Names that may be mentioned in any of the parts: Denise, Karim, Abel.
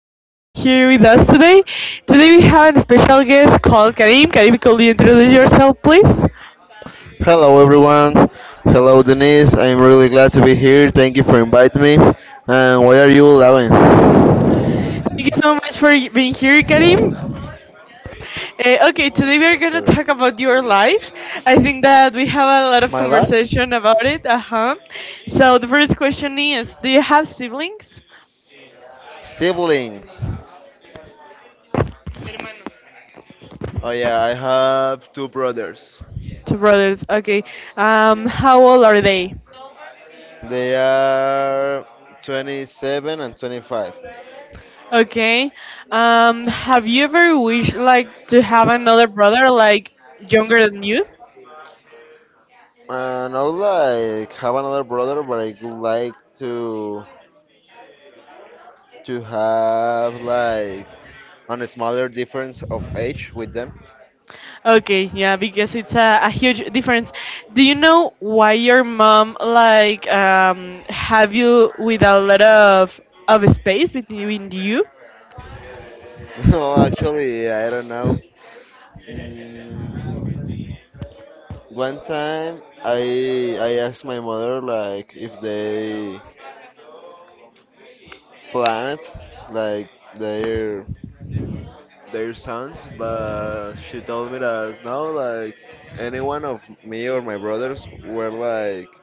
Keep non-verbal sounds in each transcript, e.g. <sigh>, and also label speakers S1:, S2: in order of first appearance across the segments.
S1: you for being here with us today. Today we have a special guest called Karim. Karim, could you introduce yourself, please? Thank
S2: Hello everyone. Hello Denise. I'm really glad to be here. Thank you for inviting me. And why are you laughing?
S1: you so much for being here, Karim. Okay, today we are going to
S2: Sorry.
S1: talk about your life. I think that we have a lot of
S2: My life?
S1: conversation about it. Uh huh. So the first question is, do you have siblings?
S2: Siblings. Oh yeah, I have two brothers.
S1: Two brothers. Okay. How old are they?
S2: They are 27 and 25.
S1: Okay. Have you ever wished like to have another brother like younger than you?
S2: I not like have another brother, but I would like to have like a smaller difference of age with them.
S1: Okay, yeah, because it's a huge difference. Do you know why your mom like have you with a lot of space between you?
S2: <laughs> No, actually, I don't know. Mm, One time, I asked my mother like if they planned like their their sons, but she told me that no, like anyone of me or my brothers were like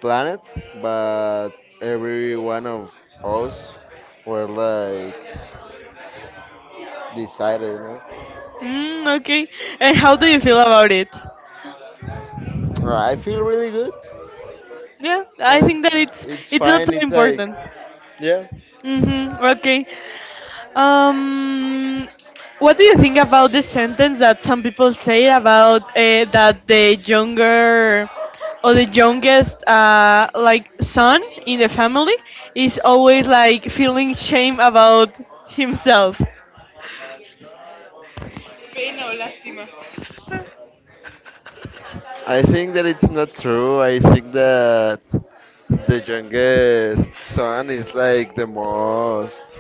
S2: planet, but every one of us were like decided.
S1: Mm, okay. And how do you feel about it?
S2: I feel really good.
S1: Yeah, I
S2: Uh,
S1: think
S2: It's
S1: that it's
S2: it's
S1: it's not so
S2: fine. It's like,
S1: important.
S2: yeah.
S1: Mm-hmm. Okay. Um, what do you think about the sentence that some people say about that the younger or the youngest like son in the family is always like feeling shame about himself?
S2: I think that it's not true. I think that the youngest son is like the most,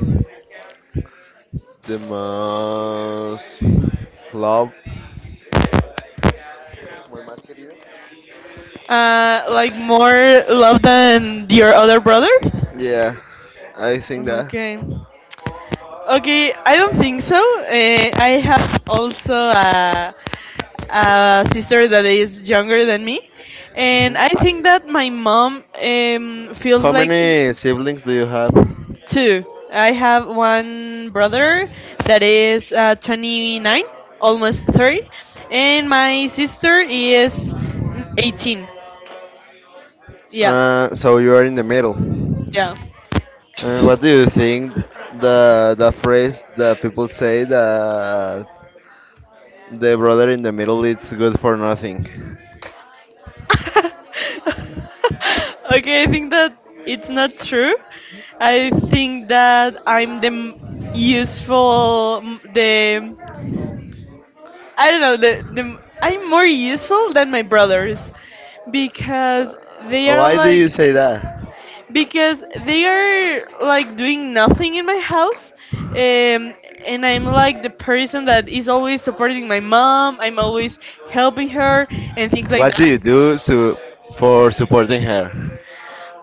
S2: the most loved. Como el más querido.
S1: Like more love than your other brothers?
S2: Yeah, I think that.
S1: Okay. Okay, I don't think so. I have also a sister that is younger than me, and
S2: Mhm.
S1: I think that my mom feels
S2: How
S1: like
S2: many siblings do you have?
S1: two. I have one brother that is 29, almost 30, and my sister is 18. Yeah,
S2: So you are in the middle.
S1: yeah.
S2: And what do you think the phrase that people say that the brother in the middle is good for nothing?
S1: <laughs> Okay, I think that it's not true. I think that I'm the m- useful, m- the I don't know. The I'm more useful than my brothers because they are
S2: Why do you
S1: like
S2: say that?
S1: because doing nothing in my house, um, and I'm like the person that is always supporting my mom. I'm always helping her and things like
S2: What do
S1: that.
S2: you do so for supporting her?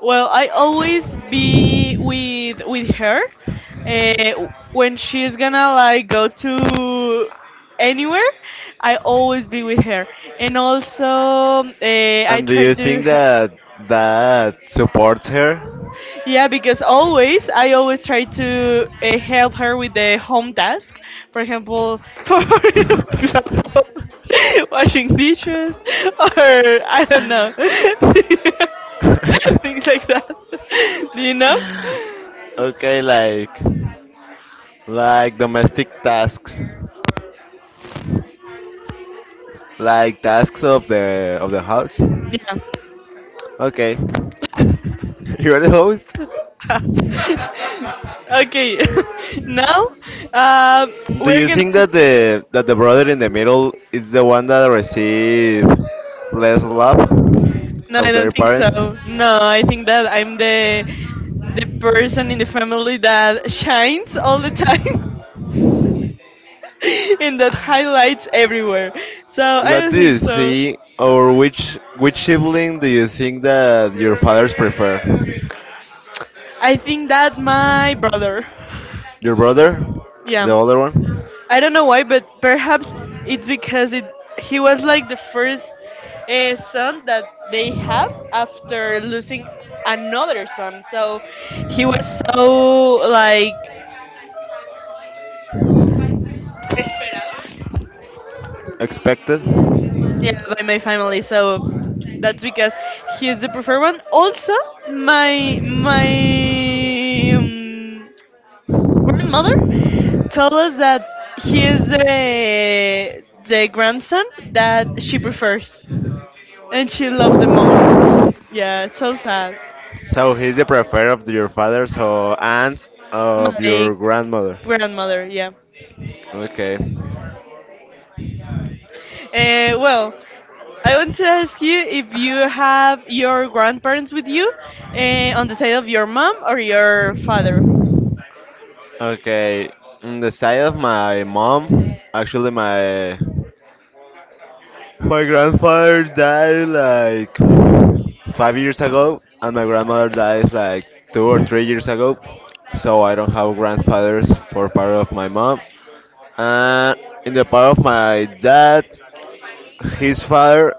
S1: Well, I always be with her uh, when she's gonna like go to anywhere. I always be with her, and also I
S2: And do
S1: try
S2: you
S1: to
S2: think
S1: he-
S2: that that supports her?
S1: yeah because always try to help her with the home task. For example, <laughs> for example, <laughs> washing dishes or I don't know <laughs>
S2: <laughs>
S1: things like that. <laughs> Do you know?
S2: Okay, like domestic tasks, like tasks of the house.
S1: Yeah.
S2: Okay, <laughs> you're the host.
S1: <laughs> Okay. <laughs> Now, um,
S2: Do
S1: we're
S2: you think
S1: gonna.
S2: that the brother in the middle is the one that receive less love
S1: No, I
S2: of their
S1: don't think so.
S2: parents?
S1: No, I think that I'm the person in the family that shines all the time <laughs> and that highlights everywhere. So I
S2: What
S1: don't
S2: do
S1: think
S2: you
S1: so.
S2: think, or which sibling do you think that your fathers prefer?
S1: I think that my brother. <laughs>
S2: Your brother, the
S1: Yeah.
S2: older one,
S1: I don't know why, but perhaps it's because it he was like the first son that they have after losing another son. So he was so like
S2: expected.
S1: yeah by my family. So that's because he is the preferred one. Also, my grandmother told us that he is the grandson that she prefers and she loves the most. Yeah, it's so sad.
S2: So he's the preferred of your father, so and of your
S1: My
S2: grandmother.
S1: grandmother, yeah.
S2: Okay.
S1: Well, I want to ask you if you have your grandparents with you on the side of your mom or your father.
S2: Okay. On the side of my mom, actually my grandfather died like 5 years ago, and my grandmother died like 2 or 3 years ago. So I don't have grandfathers for part of my mom. And in the part of my dad, his father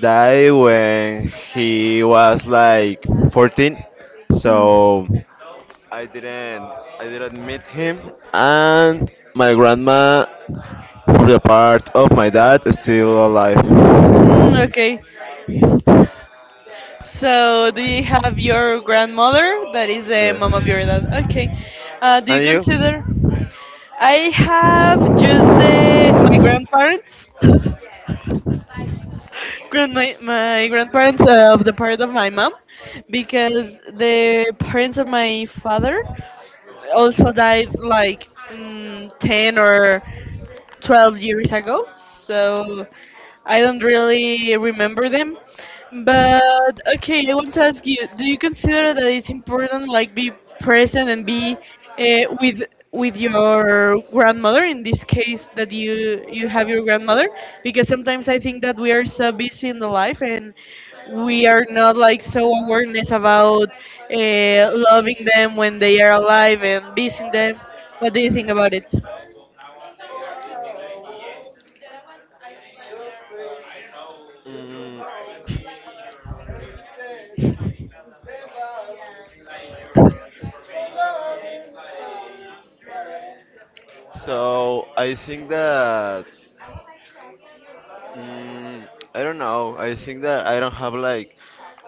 S2: died when he was like 14,
S1: Hmm.
S2: so I didn't I didn't meet him. And my grandma, for the part of my dad, is still alive.
S1: Hmm, okay. So, do you have your grandmother that is the
S2: Yeah.
S1: mom of your dad? Okay. Do you
S2: And
S1: consider?
S2: you?
S1: I have just the, my grandparents grand my, my grandparents of the part of my mom because the parents of my father also died like 10 or 12 years ago so I don't really remember them but okay, I want to ask you, do you consider that it's important like be present and be with your grandmother in this case that you have your grandmother? Because sometimes I think that we are so busy in the life and we are not like so awareness about uh, loving them when they are alive and visiting them. What do you think about it?
S2: Mm, so I think that mm, I don't know. I think that I don't have like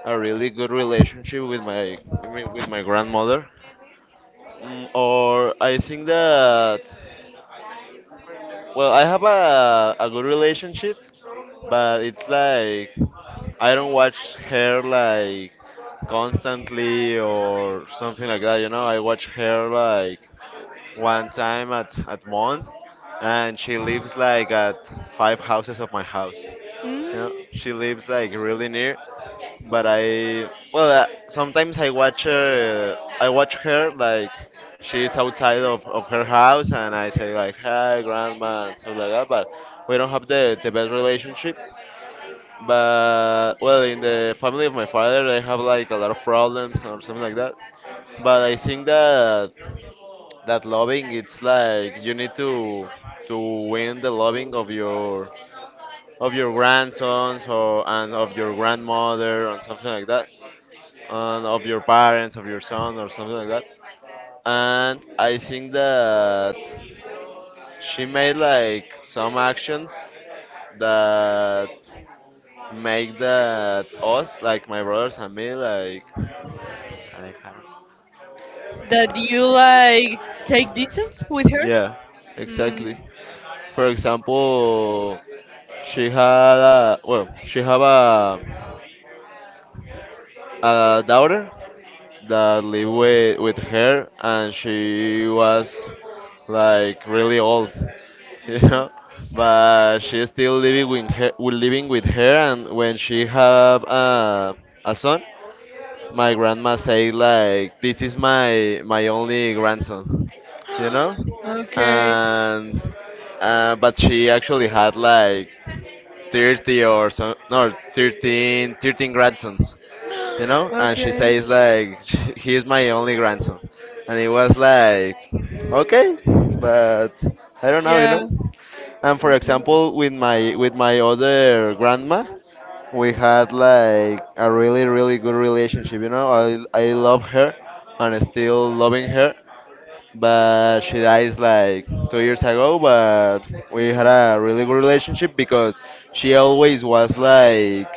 S2: a really good relationship with my, I mean, with my grandmother. Or I think that, well, I have a good relationship, but it's like I don't watch her like constantly or something like that. You know, I watch her like one time at month, and she lives like at five houses of my house. You know,
S1: Mm,
S2: she lives like really near, but I, well, sometimes I watch, I watch her like she's outside of her house, and I say like hi grandma and stuff like that, but we don't have the best relationship. But well, in the family of my father they have like a lot of problems or something like that, but I think that that loving, it's like you need to win the loving of your grandsons or and of your grandmother and something like that, and of your parents of your son or something like that. And I think that she made like some actions that make that us, like my brothers and me, like Alejandro.
S1: that you like take distance with her?
S2: Yeah, exactly. For example, she had a, well, she have a daughter that lived with her, and she was like really old, <laughs> you
S1: Mm,
S2: know. But she's still living with her, and when she have a son, my grandma say like, "This is my only grandson." You know?
S1: <gasps> Okay.
S2: And but she actually had like 30 or so, no, 13 grandsons, you
S1: <gasps>
S2: know? And she
S1: Okay.
S2: says like, <laughs> He's my only grandson." And it was like, okay, but I don't know, you know?
S1: Yeah.
S2: And for example, with my other grandma, we had like a really, really good relationship. You know, I love her and still loving her, but she dies like 2 years ago. But we had a really good relationship because she always was like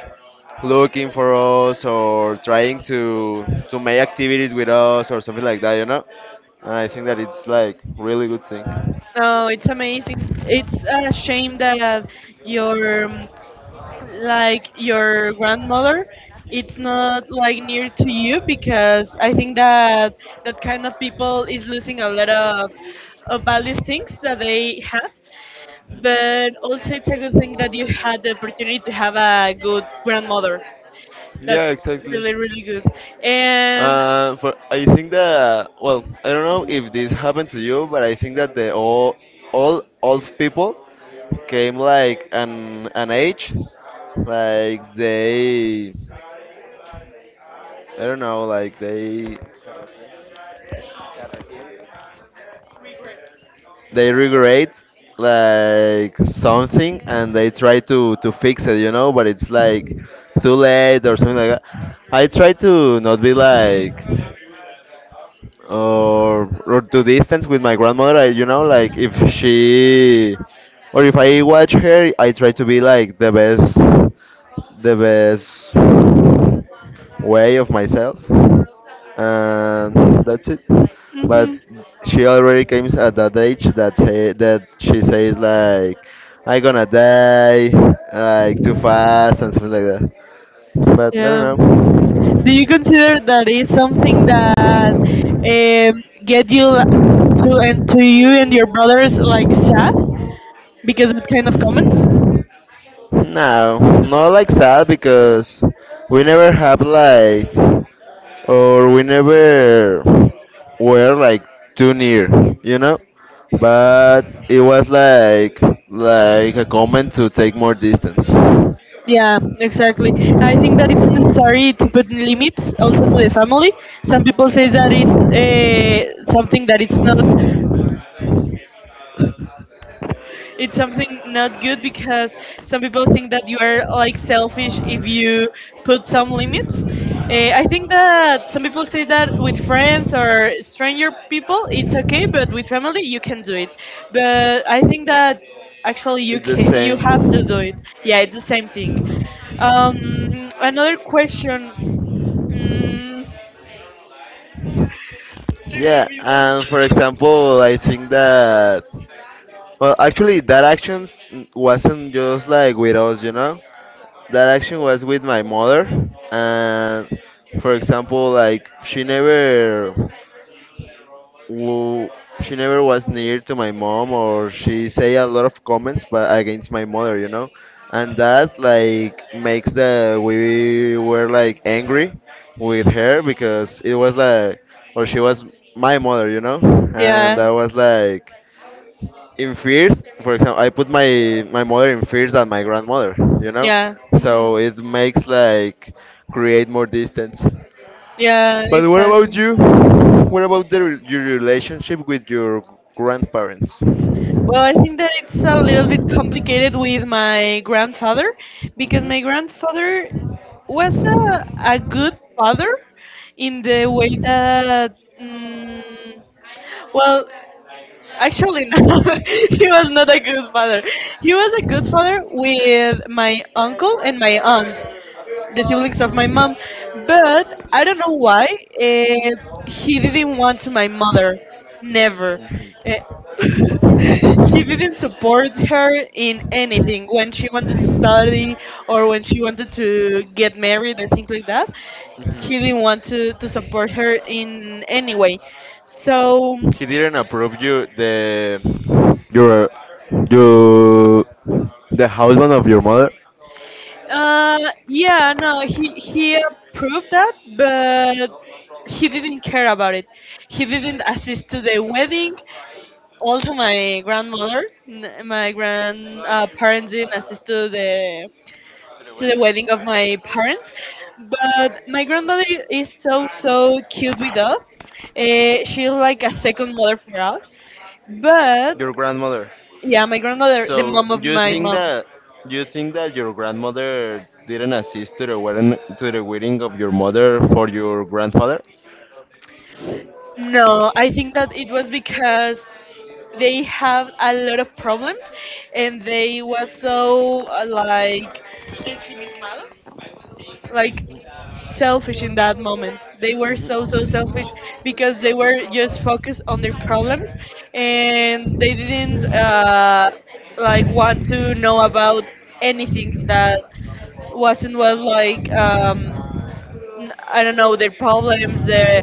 S2: looking for us or trying to make activities with us or something like that, you know. And I think that it's like really good thing.
S1: No, it's amazing. It's a shame that your like your grandmother it's not like near to you because I think that that kind of people is losing a lot of value things that they have. But also it's a good thing that you had the opportunity to have a good grandmother.
S2: Yeah,
S1: That's
S2: exactly.
S1: really really good. And
S2: For I think that, well, I don't know if this happened to you, but I think that the all old people came like an age, like they, I don't know, like they regret like something and they try to fix it, you know, but it's like too late or something like that. I try to not be like or to distance with my grandmother, I, you know, like if she or if I watch her, I try to be like the best way of myself, and that's it. But
S1: mhm,
S2: she already came at that age that she says like I gonna die like too fast and something like that, but I
S1: yeah.
S2: don't know.
S1: Do you consider that is something that get you la- to and to you and your brothers like sad because of kind of comments?
S2: No, not like sad, because we never have like or we never were like too near, you know, but it was like a comment to take more distance.
S1: Yeah, exactly. I think that it's necessary to put limits also to the family. Some people say that it's something that it's something not good because some people think that you are like selfish if you put some limits. Eh, I think that some people say that with friends or stranger people, it's okay, but with family, you can do it. But I think that actually you
S2: It's the
S1: can, you have to do
S2: same.
S1: it. Yeah, it's the same thing. Um, another question. Mm,
S2: Yeah, and for example, I think that. Well, actually, that action wasn't just like with us, you know. That action was with my mother, and for example, like w- she never was near to my mom, or she say a lot of comments, but against my mother, you know. And that like makes the we were like angry with her because it was like, or she was my mother, you know, and
S1: yeah,
S2: that was like in fears. For example, I put my mother in fears than my grandmother, you know,
S1: yeah, mhm.
S2: so it makes like create more distance.
S1: Yeah,
S2: But what about
S1: exactly.
S2: you? What about your relationship with your grandparents?
S1: Well, I think that it's a little bit complicated with my grandfather because my
S2: Hmm.
S1: grandfather was a good father in the way that. Mm well, actually, no, <laughs> he was not a good father. He was a good father with my uncle and my aunt the siblings of my mom, but I don't know why he didn't want to my mother, never. Eh, <laughs> he didn't support her in anything when she wanted to study or when she wanted to get married and things like that. He didn't want to
S2: Hmm.
S1: support her in any way. So,
S2: He didn't approve you your you the husband of your mother,
S1: uh, yeah, no, he approved that, but he didn't care about it. He didn't assist to the wedding. Also, my grandmother, n- my grand parents didn't assist to the wedding of my parents, but my grandmother is so so cute with us. She's like a second mother for us.
S2: your
S1: But
S2: grandmother?
S1: yeah, my grandmother, the
S2: So
S1: mom of
S2: you
S1: my
S2: think
S1: mom.
S2: that your grandmother didn't assist to the wedding of your mother for your grandfather?
S1: No, I think that it was because they have a lot of problems and they was so like ensimismados. Like selfish in that moment. They were so so selfish because they were just focused on their problems, and they didn't like want to know about anything that wasn't well like I don't know their problems.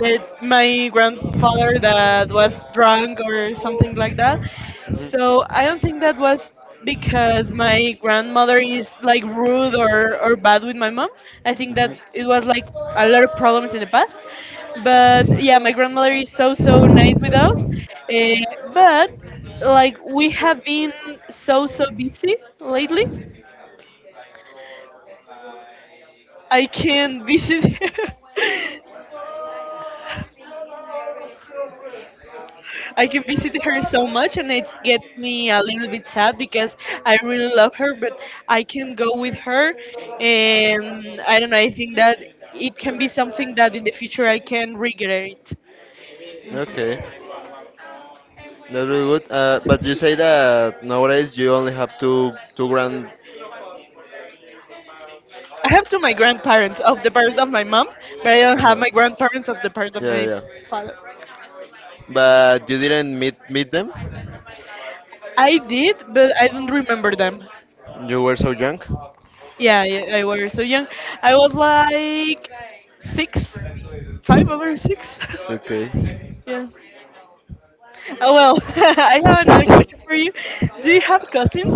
S1: That my grandfather that was drunk or something like that. So I don't think that was because my grandmother is like rude or
S2: Mhm.
S1: bad with my mom. I think that it was
S2: Hmm.
S1: like a lot of problems in the past. But yeah, my grandmother is so so nice with us. But like we have been so so busy lately. I can't visit <laughs> her. I can visit her so much, and it gets me a little bit sad because I really love her, but I can go with her, and I don't know. I think that it can be something that in the future I can regret. Mhm.
S2: Okay, that's really good. But you say that nowadays you only have two grands.
S1: I have to my grandparents of the part of my mom, but I don't have
S2: Uh-huh.
S1: my grandparents of the part of
S2: Yeah,
S1: my
S2: yeah.
S1: father.
S2: But you didn't meet them.
S1: I did, but I don't remember them.
S2: You were so young.
S1: Yeah, I was so young. I was like six, five over six.
S2: Okay.
S1: <laughs> Yeah. Oh, well, <laughs> I have another question for you. Do you
S2: <laughs>
S1: have cousins?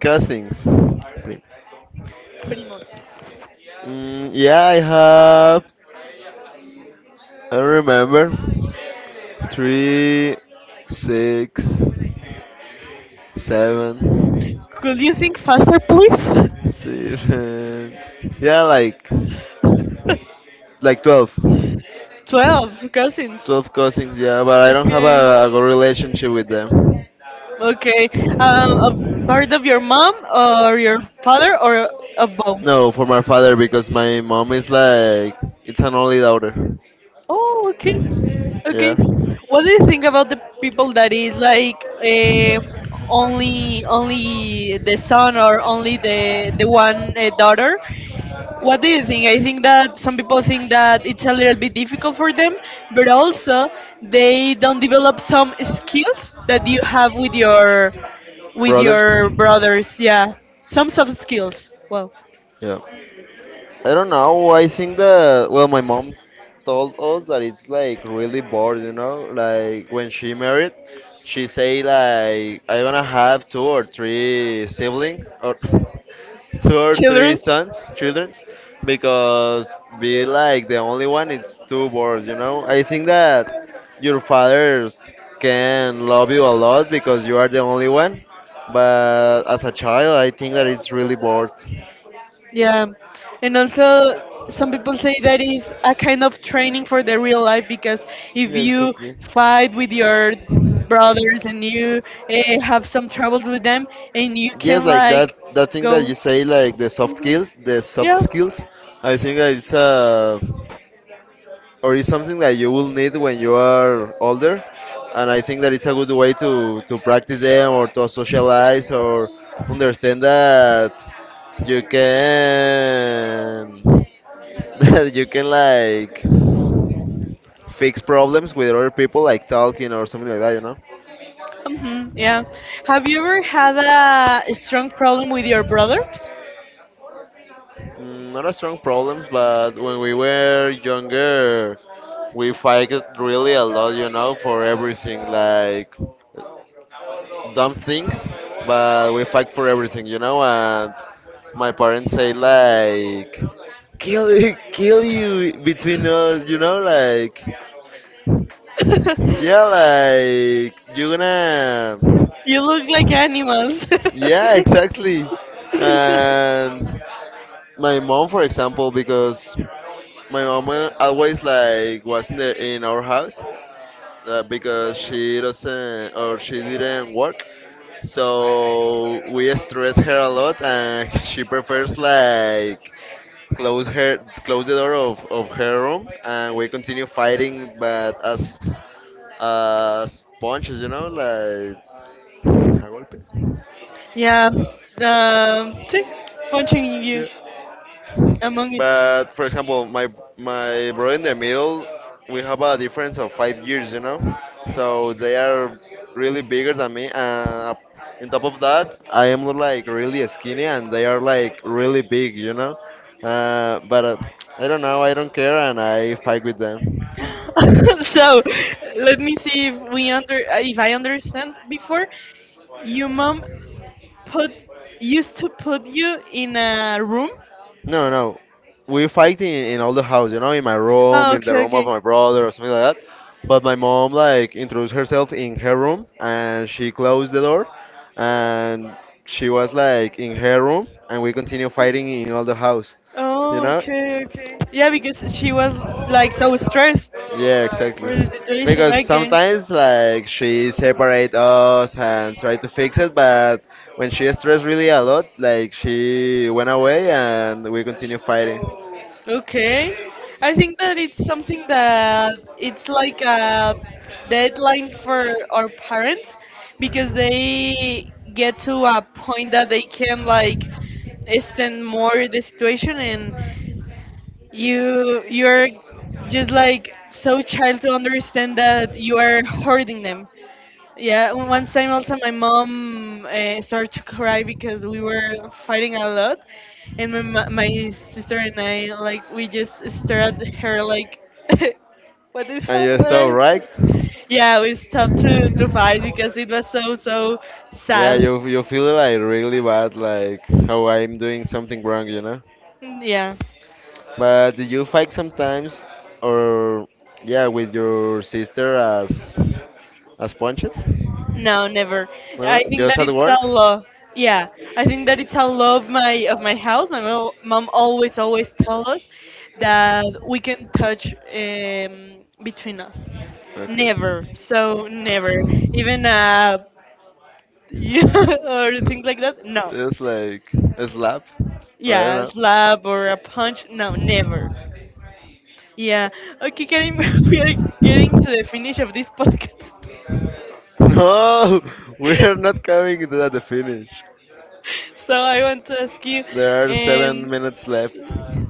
S2: Cousins. Prim-
S1: Primos.
S2: Mm, yeah, I have. I remember. Three, six, seven,
S1: Could you think faster, please?
S2: seven. Yeah,
S1: <laughs>
S2: like 12.
S1: 12 cousins.
S2: 12 cousins. Yeah, but I don't have
S1: Okay.
S2: a good relationship with them.
S1: Okay. A part of your mom or your father or of both?
S2: No, for my father, because my mom is like, it's an only daughter.
S1: Oh, okay.
S2: Yeah,
S1: Okay. What do you think about the people that is like only only the son or only the one daughter. What do you think? I think that some people think that it's a little bit difficult for them, but also they don't develop some skills that you have with
S2: brothers.
S1: your brothers. Yeah, some soft skills. Well,
S2: Yeah. I don't know. I think that, well, my mom told us that it's like really bored. Like when she married, she say like I gonna have two or three siblings or <laughs> two or three
S1: childrens.
S2: sons, children, because be like the only one, it's too bored. I think that your fathers can love you a lot because you are the only one, but as a child, I think that it's really bored.
S1: Yeah, and also some people say that is a kind of training for the real life because if
S2: Yeah,
S1: you
S2: exactly.
S1: fight with your brothers and you have some troubles with them and you
S2: Yes,
S1: can
S2: like that
S1: like
S2: that thing that
S1: go
S2: you say, like the soft
S1: yeah
S2: skills. I think that it's a or it's something that you will need when you are older, and I think that it's a good way to practice them or to socialize or understand that you can <laughs> that you can like fix problems with other people, like talking or something like that.
S1: hmm yeah. Have you ever had a strong problem with your brothers?
S2: Not a strong problems, but when we were younger, we fight really a lot, you know, for everything, like dumb things, but we fight for everything, you know, and my parents say like, kill it, kill you between us, you know, like,
S1: <laughs>
S2: yeah, like you're gonna,
S1: You look like animals.
S2: yeah, exactly. And my mom, for example, because my mom always like was in our house, because she doesn't or she didn't work, so we stress her a lot, and she prefers like close her close the door of her room, and we continue fighting, but as punches, you know, like a golpe.
S1: <laughs> Yeah. See, punching you among you.
S2: But for example, my brother in the middle, we have a difference of 5 years, you know. So they are really bigger than me, and on top of that, I am like really skinny, and they are like really big, you know. But I don't know, I don't care, and I fight with them.
S1: <laughs> So, let me see if we under if I understand. Before your mom put used to put you in a room.
S2: No, no. We fight in all the house, you know, in my room,
S1: Oh,
S2: in the
S1: okay,
S2: room of
S1: okay.
S2: my brother or something like that. But my mom like introduced herself in her room and she closed the door, and she was like in her room and we continue fighting in all the house, you
S1: Oh,
S2: know?
S1: okay, okay. Yeah, because she was like so stressed
S2: Yeah, exactly.
S1: for the situation.
S2: Because
S1: Okay,
S2: sometimes like she separate us and try to fix it, but when she stressed really a lot, like she went away and we continue fighting.
S1: okay. I think that it's something that it's like a deadline for our parents because they get to a point that they can like extend more the situation, and you're just like so child to understand that you are hurting them. Yeah, one time also my mom started to cry because we were fighting a lot, and my sister and I like we just stared at her like, <laughs>
S2: And you're
S1: what I?
S2: so right.
S1: Yeah, we stopped to fight because it was so so
S2: Yeah,
S1: sad.
S2: you feel like really bad, like how I'm doing something wrong.
S1: Yeah,
S2: But do you fight sometimes, or yeah, with your sister as punches?
S1: no, never.
S2: Never?
S1: I think
S2: Just
S1: that
S2: at
S1: it's a
S2: works?
S1: law. Yeah, I think that it's a law of my house. My mom always tell us that we can touch between us.
S2: Okay.
S1: Never. So never. Even a <laughs> you or things like that.
S2: <laughs>
S1: No.
S2: It's like a slap. Or I
S1: Yeah, a
S2: don't
S1: slap or a punch. No, never.
S2: know.
S1: Yeah. Okay, Karim, <laughs> we are getting to the finish of this podcast. <laughs>
S2: No, <laughs> we are not coming to that the finish.
S1: So I want to ask you.
S2: There are seven
S1: Um.
S2: minutes left.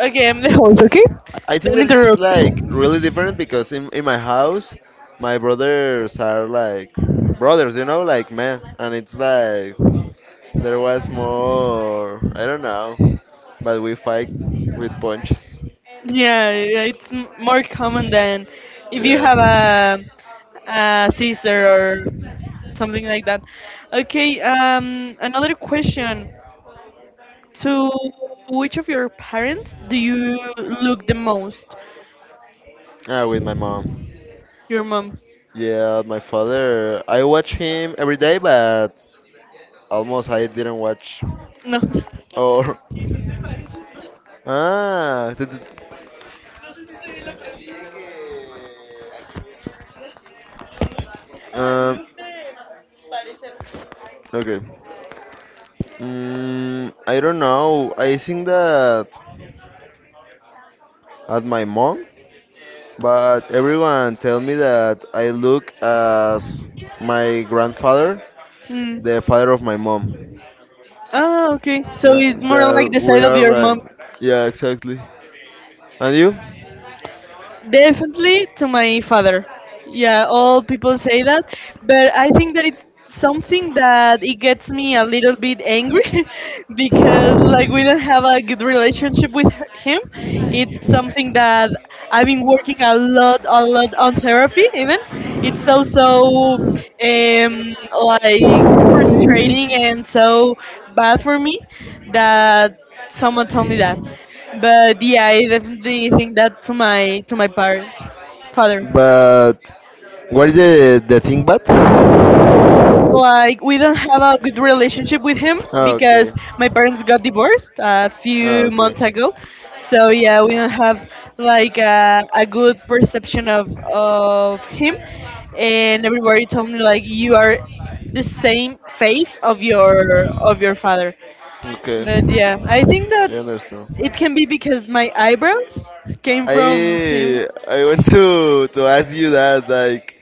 S1: Okay, I'm the host. Okay.
S2: I think
S1: Don't
S2: that it's
S1: interrupt.
S2: like really different because in my house, my brothers are like brothers, you know, like men, and it's like there was more. I don't know, but we fight with punches.
S1: Yeah, yeah, it's more common than if you
S2: Yeah.
S1: have a sister or something like that. Okay. Another question. To which of your parents do you look the most?
S2: Ah, with my mom.
S1: Your mom?
S2: Yeah, my father. I watch him every day, but almost I didn't watch.
S1: No. <laughs>
S2: Or <laughs> ah, th- th- um, okay. I don't know. I think that at my mom, but everyone tell me that I look as my grandfather,
S1: Mm.
S2: the father of my mom.
S1: Ah, okay. So
S2: Yeah,
S1: it's more like
S2: that
S1: the
S2: we
S1: side of
S2: are
S1: your
S2: like,
S1: mom.
S2: yeah, exactly. And you?
S1: Definitely to my father. Yeah, all people say that, but I think that it's something that it gets me a little bit angry <laughs> because like we don't have a good relationship with him. It's something that I've been working a lot on therapy. Even it's so so um like frustrating and so bad for me that someone told me that. But yeah, I definitely think that to my parent, father.
S2: But what is the thing bad?
S1: Like we don't have a good relationship with him
S2: Ah, okay.
S1: because my parents got divorced a
S2: Ah,
S1: few
S2: okay.
S1: months ago. So yeah, we don't have like a good perception of him. And everybody told me like you are the same face of your father. But
S2: Okay.
S1: yeah, I think that
S2: I
S1: it
S2: understand.
S1: can be because my eyebrows came from him.
S2: I want to ask you that like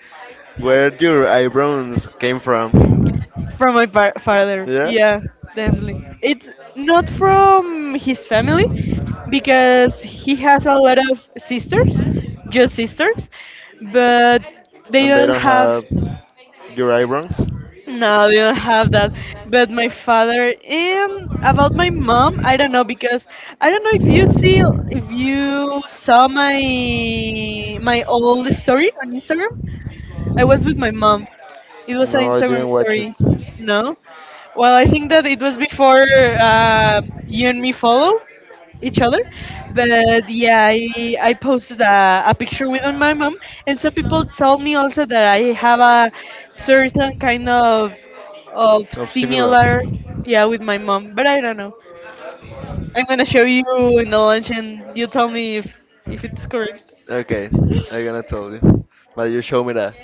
S2: where your eyebrows came from.
S1: From my father,
S2: Yeah?
S1: yeah, definitely. It's not from his family because he has a lot of sisters, just sisters, but they
S2: And they
S1: don't
S2: don't
S1: have.
S2: have your eyebrows?
S1: No, they don't have that. But my father and about my mom, I don't know because I don't know if you see if you saw my old story on Instagram. I was with my mom. It was an
S2: No, I
S1: Instagram
S2: didn't watch it.
S1: story. No? Well, I think that it was before uh, you and me follow each other. But yeah, I posted a picture with my mom. And some people told me also that I have a certain kind of
S2: Of similar.
S1: similar, yeah, with my mom. But I don't know. I'm going to show you in the lunch and you tell me if it's correct.
S2: Okay, I'm gonna tell you. But you show me that.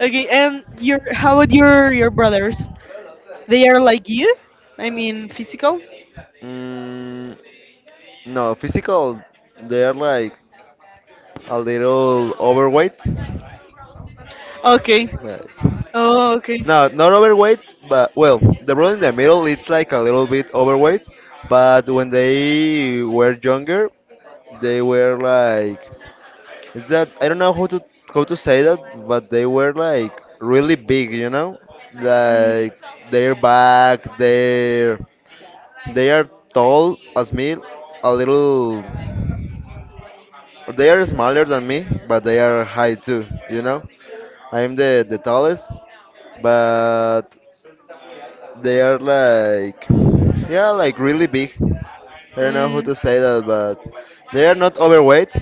S1: Okay, and your how about your brothers? They are like you? I mean, physical?
S2: Mm, no, physical, they're like a little overweight.
S1: Okay.
S2: Like,
S1: Oh, okay.
S2: no, not overweight, but well, the brother in the middle, it's like a little bit overweight. But when they were younger, they were like, it's that I don't know how to say that, but they were like really big, you know,
S1: Mm,
S2: like their back, their they are tall as me, a little. They are smaller than me, but they are high too, you know. I'm the tallest, but they are like, yeah, like really big. I don't know how
S1: mm,
S2: to say that, but they are not overweight,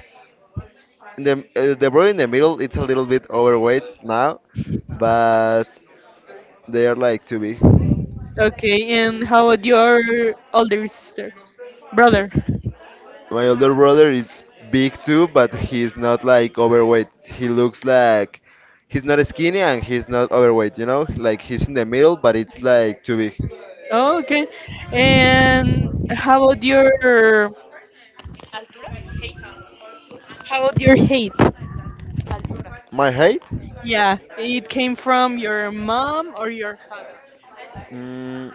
S2: the bro in the middle it's a little bit overweight now, but they are like too big.
S1: okay, and how about your older sister? Brother.
S2: My older brother is big too, but he's not like overweight. He looks like he's not skinny and he's not overweight. You know, like he's in the middle, but it's like too big.
S1: Oh, okay. And how about your hate?
S2: My height?
S1: Yeah, it came from your mom or your father?
S2: Mm,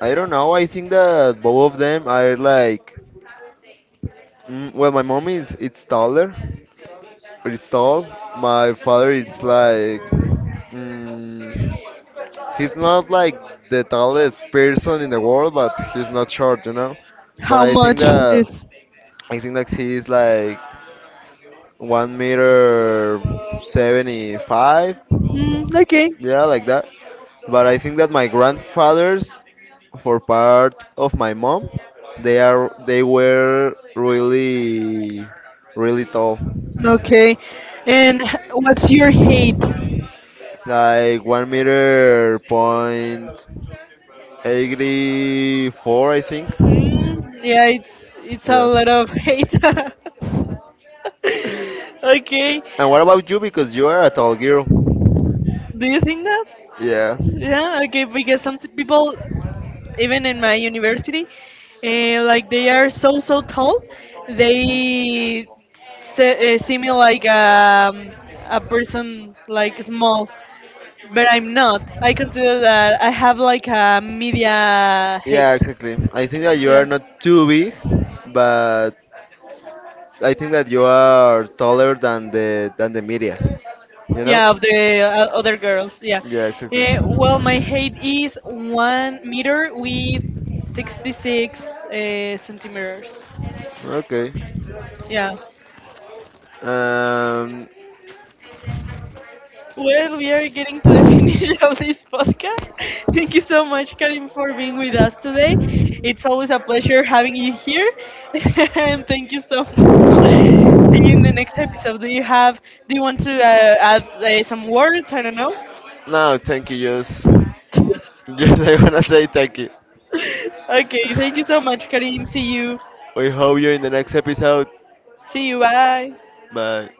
S2: I don't know. I think that both of them are like. Well, my mom is, it's taller, but it's tall. My father it's like. Mm, He's not like the tallest person in the world, but he's not short, you know. But
S1: How
S2: I think
S1: much
S2: that
S1: is?
S2: I think like he's like 1 meter 75,
S1: Mm, okay.
S2: yeah, like that. But I think that my grandfathers, for part of my mom, they were really, really tall,
S1: Okay. And what's your hate?
S2: like 1 meter point 84, I think.
S1: Mm, yeah, it's a
S2: Yeah.
S1: lot of hate. <laughs> <laughs> okay.
S2: <laughs> And what about you? Because you are a tall girl.
S1: Do you think that?
S2: Yeah.
S1: Yeah, okay, because some people, even in my university, like they are so so tall, they see me like a person like small, but I'm not. I consider that I have like a media
S2: Yeah,
S1: height.
S2: exactly. I think that you are
S1: Yeah.
S2: not too big, but I think that you are taller than the media. You know?
S1: Yeah, of the other girls. Yeah.
S2: Yeah, exactly.
S1: Well, my height is 1 meter with 66 centimeters.
S2: Okay.
S1: Yeah.
S2: Um.
S1: Well, we are getting to the <laughs> finish of this podcast. Thank you so much, Karim, for being with us today. It's always a pleasure having you here. <laughs> and thank you so much. <laughs> See you in the next episode. Do you have? Do you want to add some words? I don't know.
S2: No, thank you. Just, <laughs> just I wanna say thank you.
S1: <laughs> okay. Thank you so much, Karim. See you.
S2: We hope you in the next episode.
S1: See you. Bye.
S2: Bye.